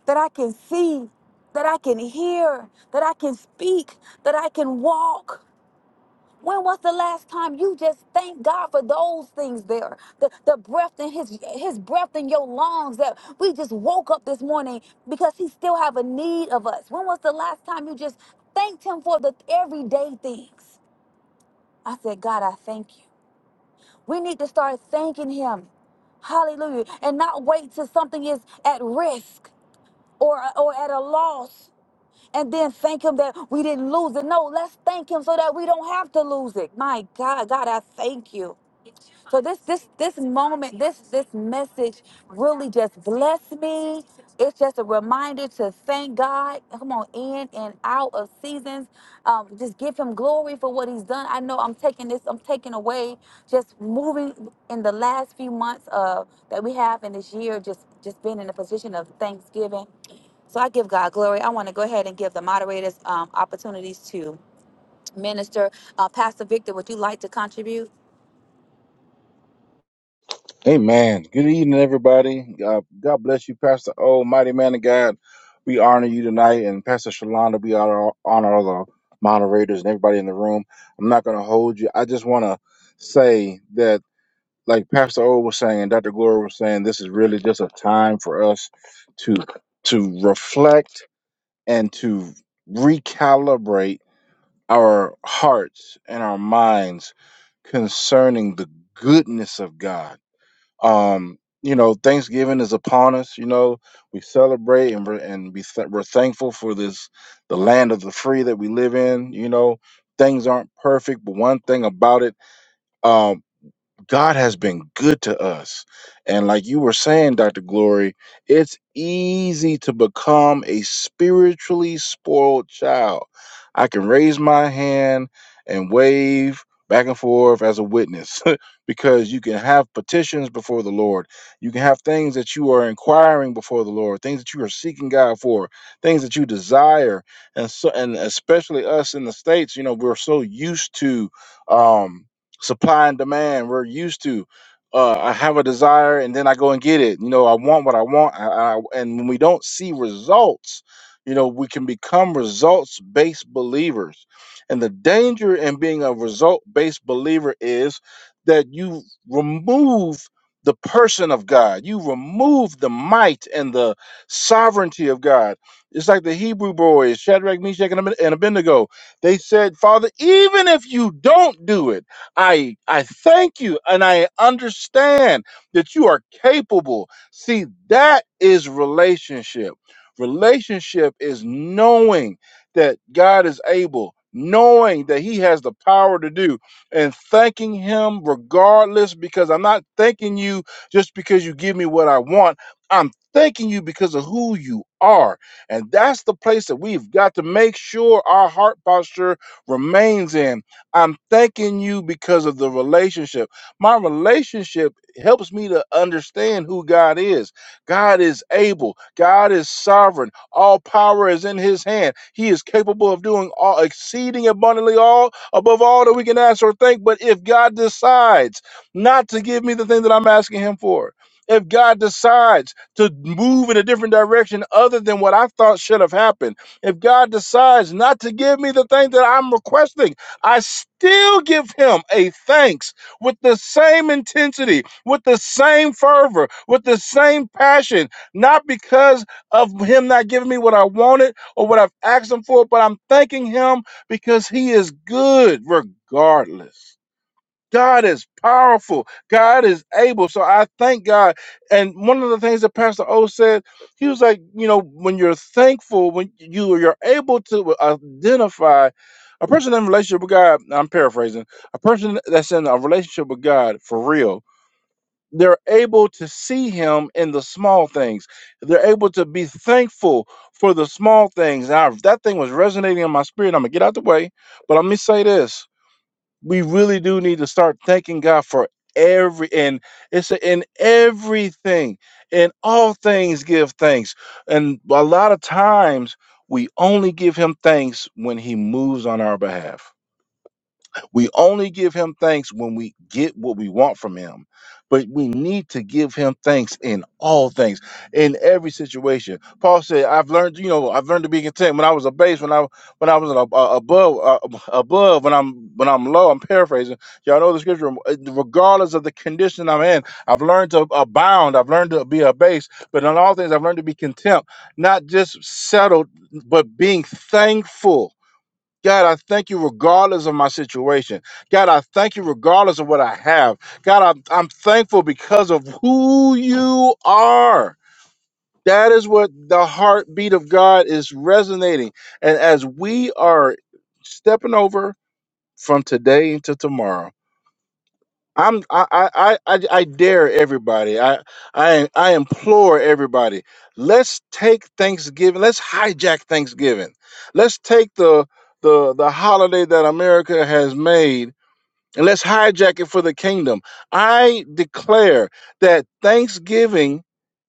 B: that i can see that I can hear, that I can speak, that I can walk. When was the last time you just thank God for those things there? The, the breath in his his breath in your lungs that we just woke up this morning because he still have a need of us. When was the last time you just thanked him for the everyday things? I said, God, I thank you. We need to start thanking him. Hallelujah. And not wait till something is at risk or or at a loss and then thank Him that we didn't lose it. No, let's thank Him so that we don't have to lose it. My God, God, I thank you. So this this this moment, this this message really just blessed me. It's just a reminder to thank God. Come on, in and out of seasons. Um, just give him glory for what he's done. I know I'm taking this, I'm taking away just moving in the last few months uh that we have in this year, just just being in a position of thanksgiving. So I give God glory. I want to go ahead and give the moderators um, opportunities to minister. Uh, Pastor Victor, would you like to contribute?
C: Amen. Good evening, everybody. Uh, God bless you, Pastor O, mighty man of God. We honor you tonight, and Pastor Shalonda, we honor, honor all the moderators and everybody in the room. I'm not going to hold you. I just want to say that, like Pastor O was saying, and Dr. Gloria was saying, this is really just a time for us to to reflect and to recalibrate our hearts and our minds concerning the goodness of God um you know thanksgiving is upon us you know we celebrate and we're, and we th- we're thankful for this the land of the free that we live in you know things aren't perfect but one thing about it um God has been good to us. And like you were saying, Dr. Glory, it's easy to become a spiritually spoiled child. I can raise my hand and wave back and forth as a witness because you can have petitions before the Lord. You can have things that you are inquiring before the Lord, things that you are seeking God for, things that you desire. And so and especially us in the states, you know, we're so used to um supply and demand we're used to uh, i have a desire and then i go and get it you know i want what i want I, I, and when we don't see results you know we can become results based believers and the danger in being a result based believer is that you remove the person of god you remove the might and the sovereignty of god it's like the hebrew boys shadrach meshach and Abed- and abednego they said father even if you don't do it I I thank you and I understand that you are capable. See, that is relationship. Relationship is knowing that God is able, knowing that he has the power to do and thanking him regardless because I'm not thanking you just because you give me what I want. I'm thanking you because of who you are. And that's the place that we've got to make sure our heart posture remains in I'm thanking you because of the relationship. My relationship helps me to understand who God is. God is able, God is sovereign. All power is in his hand. He is capable of doing all exceeding abundantly all above all that we can ask or think. But if God decides not to give me the thing that I'm asking him for, if God decides to move in a different direction other than what I thought should have happened, if God decides not to give me the thing that I'm requesting, I still give him a thanks with the same intensity, with the same fervor, with the same passion, not because of him not giving me what I wanted or what I've asked him for, but I'm thanking him because he is good regardless. God is powerful. God is able. So I thank God. And one of the things that Pastor O said, he was like, you know, when you're thankful, when you you're able to identify a person in a relationship with God, I'm paraphrasing, a person that's in a relationship with God for real, they're able to see him in the small things. They're able to be thankful for the small things. Now, that thing was resonating in my spirit. I'm gonna get out the way, but let me say this we really do need to start thanking God for every and it's a, in everything in all things give thanks and a lot of times we only give him thanks when he moves on our behalf we only give him thanks when we get what we want from him. But we need to give him thanks in all things, in every situation. Paul said, "I've learned, you know, I've learned to be content. When I was a base, when I when I was a, a- above, uh, ab- above, when I'm when I'm low. I'm paraphrasing. Y'all know the scripture. um, uh, Regardless of the condition I'm in, I've learned to abound. I've learned to be a base. But in all things, I've learned to be content, not just settled, but being thankful God, I thank you regardless of my situation. God, I thank you regardless of what I have. God, I'm, I'm thankful because of who you are. That is what the heartbeat of God is resonating. And as we are stepping over from today to tomorrow, I'm I I I, I I dare everybody. I I I implore everybody. Let's take Thanksgiving. Let's hijack Thanksgiving. Let's take the the the holiday that America has made and let's hijack it for the kingdom. I declare that Thanksgiving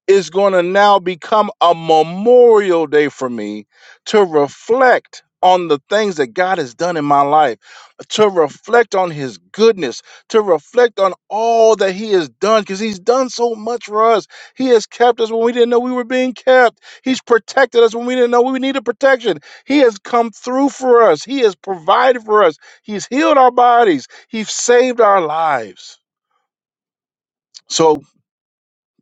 C: is going to now become a memorial day for me to reflect on the things that God has done in my life, to reflect on his goodness, to reflect on all that he has done, because he's done so much for us. He has kept us when we didn't know we were being kept. He's protected us when we didn't know we needed protection. He has come through for us. He has provided for us. He's healed our bodies. He's saved our lives. So.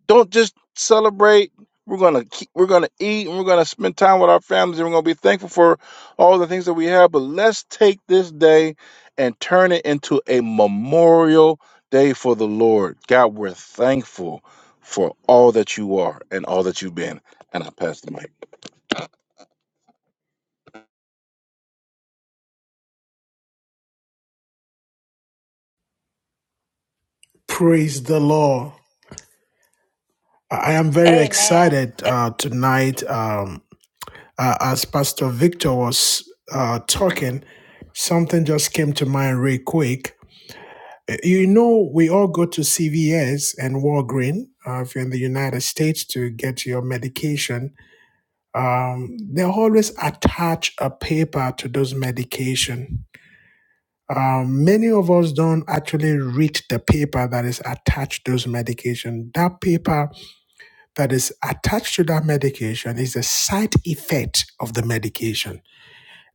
C: Don't just celebrate. We're gonna keep, we're gonna eat and we're gonna spend time with our families and we're gonna be thankful for all the things that we have. But let's take this day and turn it into a memorial day for the Lord. God, we're thankful for all that you are and all that you've been. And I pass the mic.
A: Praise the Lord. I am very
B: Amen.
A: excited uh, tonight. Um, uh, as Pastor Victor was uh, talking, something just came to mind real quick. Uh, You know, we all go to CVS and Walgreens uh, if you're in the United States to get your medication. Um, they always attach a paper to those medication Um, many of us don't actually read the paper that is attached to those medication. That paper that is attached to that medication is the side effect of the medication.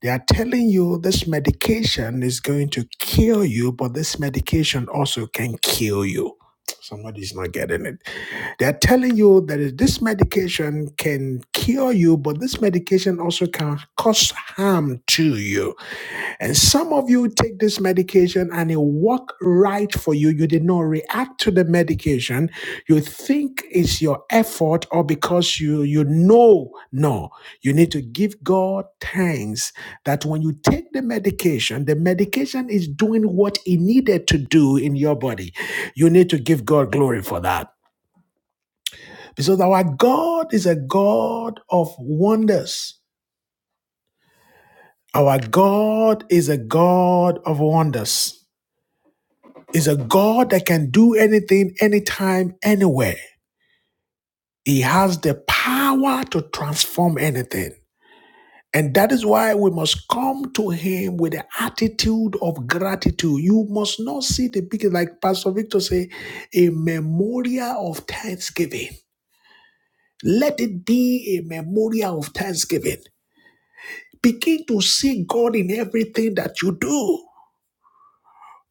A: They are telling you this medication is going to kill you, but this medication also can kill you. Somebody's not getting it. They are telling you that is- this medication can cure you, but this medication also can cause harm to you and some of you take this medication and it work right for you. You did not react to the medication. You think it's your effort or because you you know no. You need to give God thanks that when you take the medication, the medication is doing what it needed to do in your body. You need to give God glory for that. Because our God is a God of wonders. Our God is a God of wonders. is a God that can do anything, anytime, anywhere. He has the power to transform anything. And that is why we must come to him with the attitude of gratitude. You must not see the big, like Pastor Victor say, a memorial of thanksgiving. Let it be a memorial of thanksgiving. Begin to see God in everything that you do.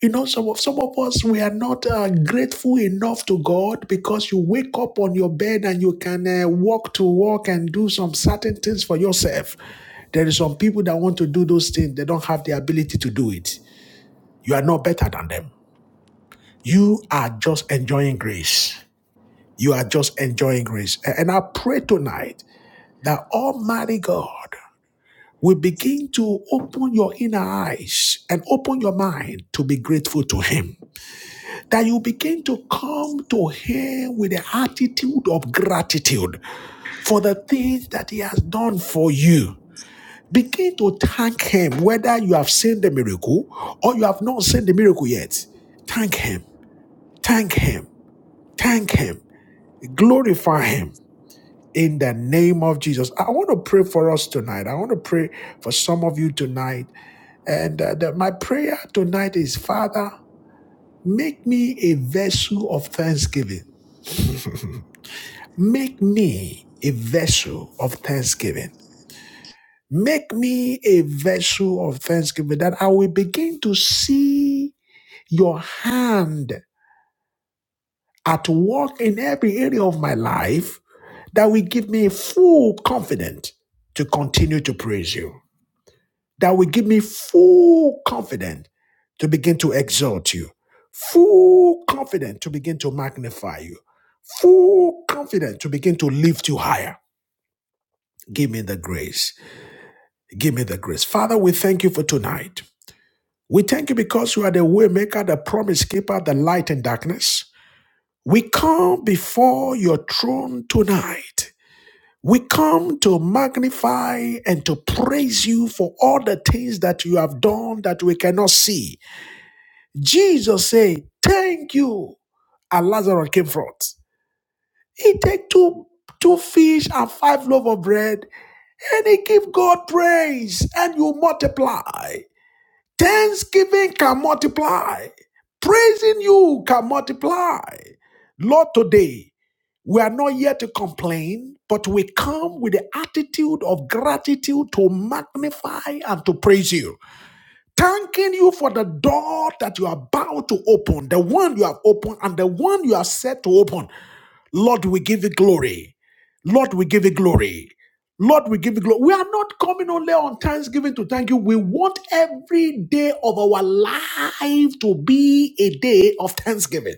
A: You know, some of some of us we are not uh, grateful enough to God because you wake up on your bed and you can uh, walk to work and do some certain things for yourself. There is some people that want to do those things; they don't have the ability to do it. You are not better than them. You are just enjoying grace. You are just enjoying grace. A- And I pray tonight that Almighty God will begin to open your inner eyes and open your mind to be grateful to Him that you begin to come to Him with the attitude of gratitude for the things that He has done for you. Begin to thank Him, whether you have seen the miracle or you have not seen the miracle yet. Thank Him, thank Him, thank Him, glorify Him. In the name of Jesus, I want to pray for us tonight. I want to pray for some of you tonight. And uh, the- my prayer tonight is Father, make me a vessel of thanksgiving. Make me a vessel of thanksgiving. Make me a vessel of thanksgiving that I will begin to see your hand at work in every area of my life that will give me full confidence to continue to praise you. That will give me full confidence to begin to exalt you. Full confidence to begin to magnify you. Full confidence to begin to lift you higher. Give me the grace Give me the grace. Father, we thank you for tonight. We thank you because you are the way maker, the promise keeper, the light in darkness. We come before your throne tonight. We come to magnify and to praise you for all the things that you have done that we cannot see. Jesus said, thank you. And Lazarus came forth. He take two two fish and five loaves of bread, and he give God praise, and you multiply. Thanksgiving can multiply. Praising you can multiply. Lord, today we are not here to complain, but we come with the attitude of gratitude to magnify and to praise you. Thanking you for the door that you are about to open, the one you have opened and the one you are set to open. Lord, we give you glory. Lord, we give you glory. Lord, we give you glory. We are not coming only on Thanksgiving to thank you. We want every day of our life to be a day of thanksgiving.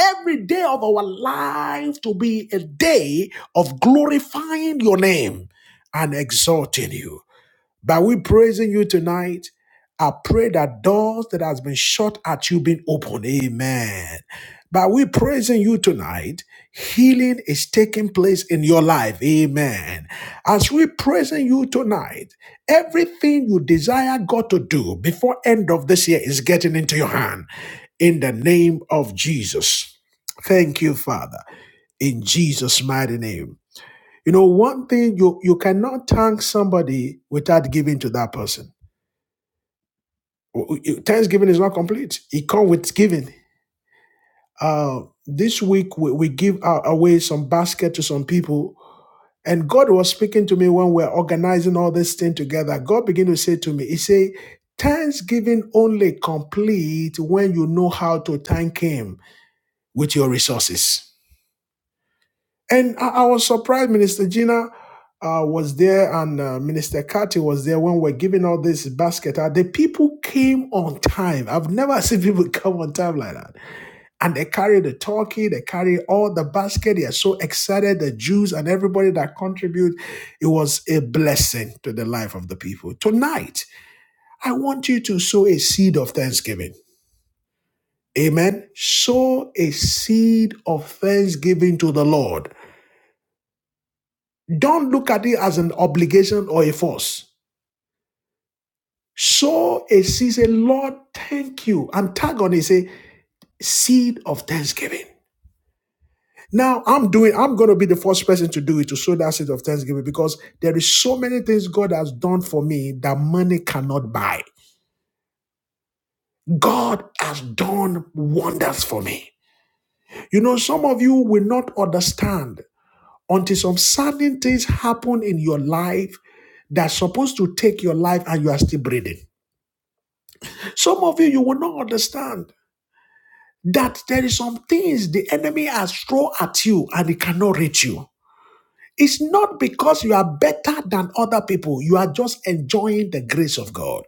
A: Every day of our life to be a day of glorifying your name and exalting you. By we praising you tonight, I pray that doors that has been shut at you being open. Amen. By we praising you tonight, healing is taking place in your life. Amen. As we praising you tonight, everything you desire God to do before end of this year is getting into your hand. In the name of Jesus. Thank you, Father. In Jesus' mighty name. You know, one thing you you cannot thank somebody without giving to that person. Thanksgiving is not complete. It comes with giving. Uh, this week we, we give out, away some basket to some people, and God was speaking to me when we we're organizing all this thing together. God began to say to me, He said, "Thanksgiving only complete when you know how to thank Him with your resources." And I, I was surprised Minister Gina uh, was there and uh, Minister Kati was there when we're giving all this basket out. The people came on time. I've never seen people come on time like that. And they carry the turkey, they carry all the basket. They are so excited. The Jews and everybody that contribute. It was a blessing to the life of the people. Tonight, I want you to sow a seed of thanksgiving. Amen. Sow a seed of thanksgiving to the Lord. Don't look at it as an obligation or a force. Sow a seed, say, Lord, thank you. And tag on it, say, seed of thanksgiving. Now I'm doing, I'm going to be the first person to do it, to sow that seed of thanksgiving, because there is so many things God has done for me that money cannot buy. God has done wonders for me. You know, some of you will not understand until some certain things happen in your life that's supposed to take your life and you are still breathing. Some of you, you will not understand that there is some things the enemy has thrown at you and it cannot reach you. It's not because you are better than other people. You are just enjoying the grace of God.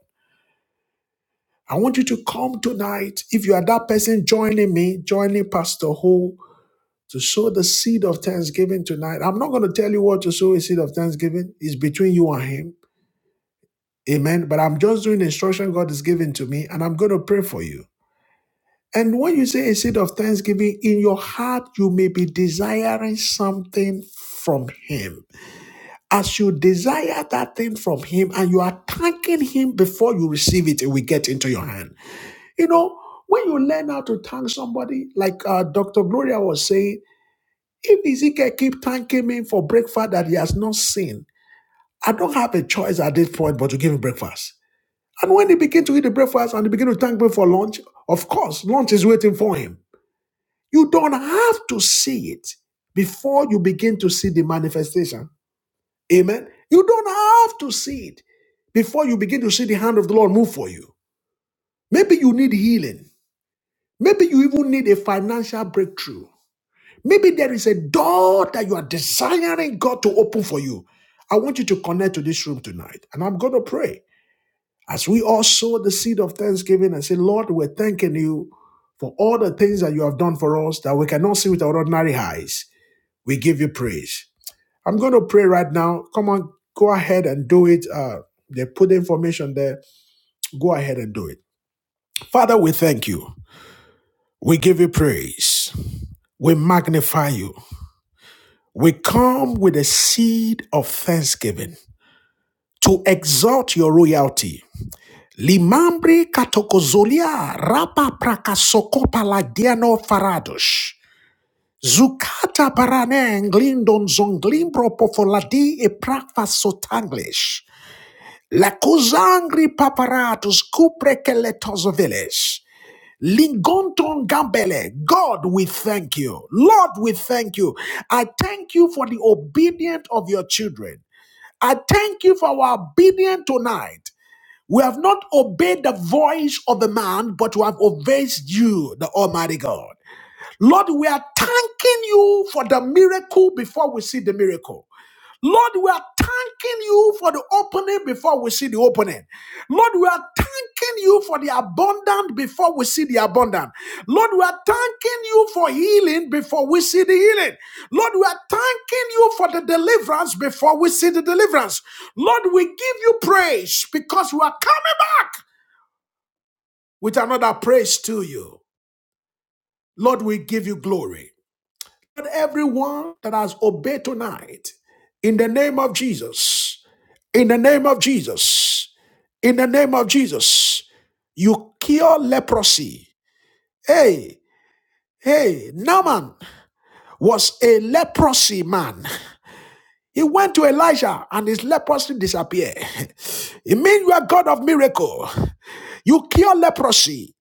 A: I want you to come tonight. If you are that person joining me, joining Pastor Ho to sow the seed of thanksgiving tonight. I'm not going to tell you what to sow a seed of thanksgiving. It's between you and him. Amen. But I'm just doing the instruction God is giving to me and I'm going to pray for you. And when you say a seed of thanksgiving, in your heart, you may be desiring something from Him. As you desire that thing from Him and you are thanking Him before you receive it, it will get into your hand. You know, when you learn how to thank somebody, like uh, Dr. Gloria was saying, if Ezekiel keep thanking me for breakfast that he has not seen, I don't have a choice at this point but to give him breakfast. And when they begin to eat the breakfast and they begin to thank me for lunch, of course, lunch is waiting for him. You don't have to see it before you begin to see the manifestation. Amen. You don't have to see it before you begin to see the hand of the Lord move for you. Maybe you need healing. Maybe you even need a financial breakthrough. Maybe there is a door that you are desiring God to open for you. I want you to connect to this room tonight, and I'm going to pray as we all sow the seed of thanksgiving and say, Lord, we're thanking you for all the things that you have done for us that we cannot see with our ordinary eyes. We give you praise. I'm going to pray right now. Come on, go ahead and do it. Uh, they put the information there. Go ahead and do it. Father, we thank you. We give you praise. We magnify you. We come with a seed of thanksgiving to exalt your royalty. Limambre katokozolia rapa prakasokopa ladiano faradosh. Zukata parane englindon zonglimbro pofoladi e prakfa sotanglish. La cosangri paparatus cupre velez. Lingonton gambele. God, we thank you. Lord, we thank you. I thank you for the obedience of your children. I thank you for our obedience tonight. We have not obeyed the voice of the man, but we have obeyed you, the Almighty God. Lord, we are thanking you for the miracle before we see the miracle. Lord, we are thanking you for the opening before we see the opening. Lord, we are thanking you for the abundant before we see the abundant. Lord, we are thanking you for healing before we see the healing. Lord, we are thanking you for the deliverance before we see the deliverance. Lord, we give you praise because we are coming back with another praise to you. Lord, we give you glory. And everyone that has obeyed tonight, in the name of Jesus. In the name of Jesus. In the name of Jesus. You cure leprosy. Hey, hey, Naaman was a leprosy man. He went to Elijah and his leprosy disappeared. It means you are God of miracle. You cure leprosy.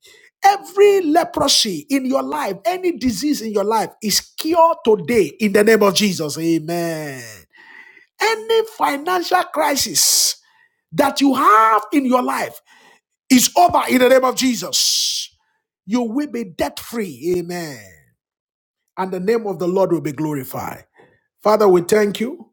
A: Every leprosy in your life, any disease in your life is cured today in the name of Jesus. Amen. Any financial crisis that you have in your life, It's over in the name of Jesus. You will be debt free. Amen. And the name of the Lord will be glorified. Father, we thank you.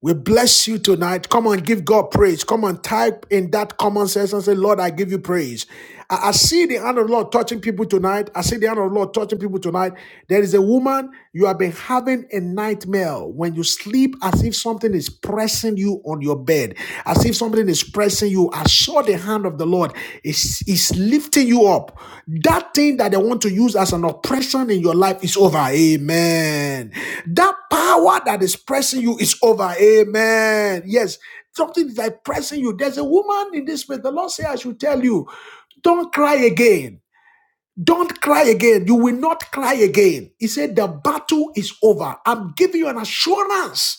A: We bless you tonight. Come on, give God praise. Come on, type in that common sense and say, Lord, I give you praise. I, I see the hand of the Lord touching people tonight. I see the hand of the Lord touching people tonight. There is a woman, you have been having a nightmare when you sleep as if something is pressing you on your bed, as if something is pressing you I saw the hand of the Lord is, is lifting you up. That thing that they want to use as an oppression in your life is over. Amen. That power that is pressing you is over. Amen. Yes. Something is like pressing you. There's a woman in this place. The Lord said, I should tell you, don't cry again. Don't cry again. You will not cry again. He said, The battle is over. I'm giving you an assurance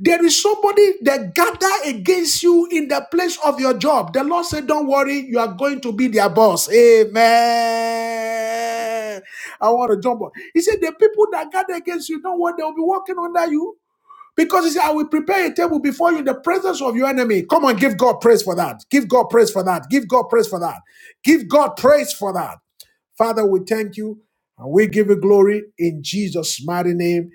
A: there is somebody that gather against you in the place of your job. The Lord said, Don't worry, you are going to be their boss. Amen. I want to jump on. He said, The people that gather against you, don't worry, they'll be working under you. Because he said, I will prepare a table before you in the presence of your enemy. Come on, give God praise for that. Give God praise for that. Give God praise for that. Give God praise for that. Father, we thank you and we give you glory in Jesus' mighty name.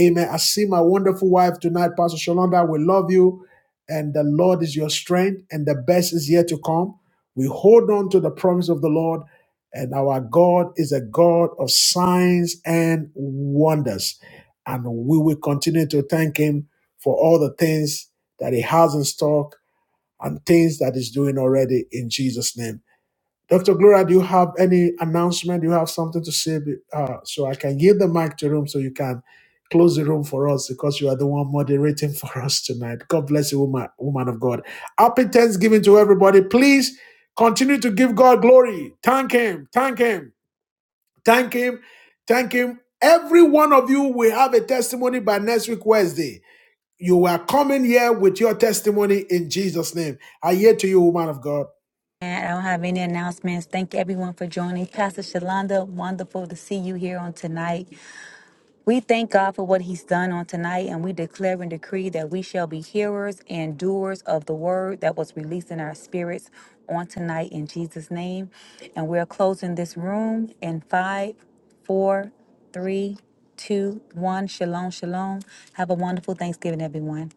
A: Amen. I see my wonderful wife tonight, Pastor Shalonda. We love you, and the Lord is your strength, and the best is yet to come. We hold on to the promise of the Lord, and our God is a God of signs and wonders. And we will continue to thank Him for all the things that He has in stock and things that He's doing already in Jesus' name. Dr. Gloria, do you have any announcement? Do you have something to say? Be- Uh, so I can give the mic to room so you can close the room for us because you are the one moderating for us tonight. God bless you, woman, woman of God. Happy Thanksgiving to everybody. Please continue to give God glory. Thank Him. Thank Him. Thank Him. Thank Him. Every one of you will have a testimony by next week, Wednesday. You are coming here with your testimony in Jesus' name. I hear to you, woman of God.
B: I don't have any announcements. Thank everyone for joining. Pastor Shalonda, wonderful to see you here on tonight. We thank God for what He's done on tonight, and we declare and decree that we shall be hearers and doers of the word that was released in our spirits on tonight in Jesus' name. And we're closing this room in five, four, three, two, one. Shalom, shalom. Have a wonderful Thanksgiving, everyone.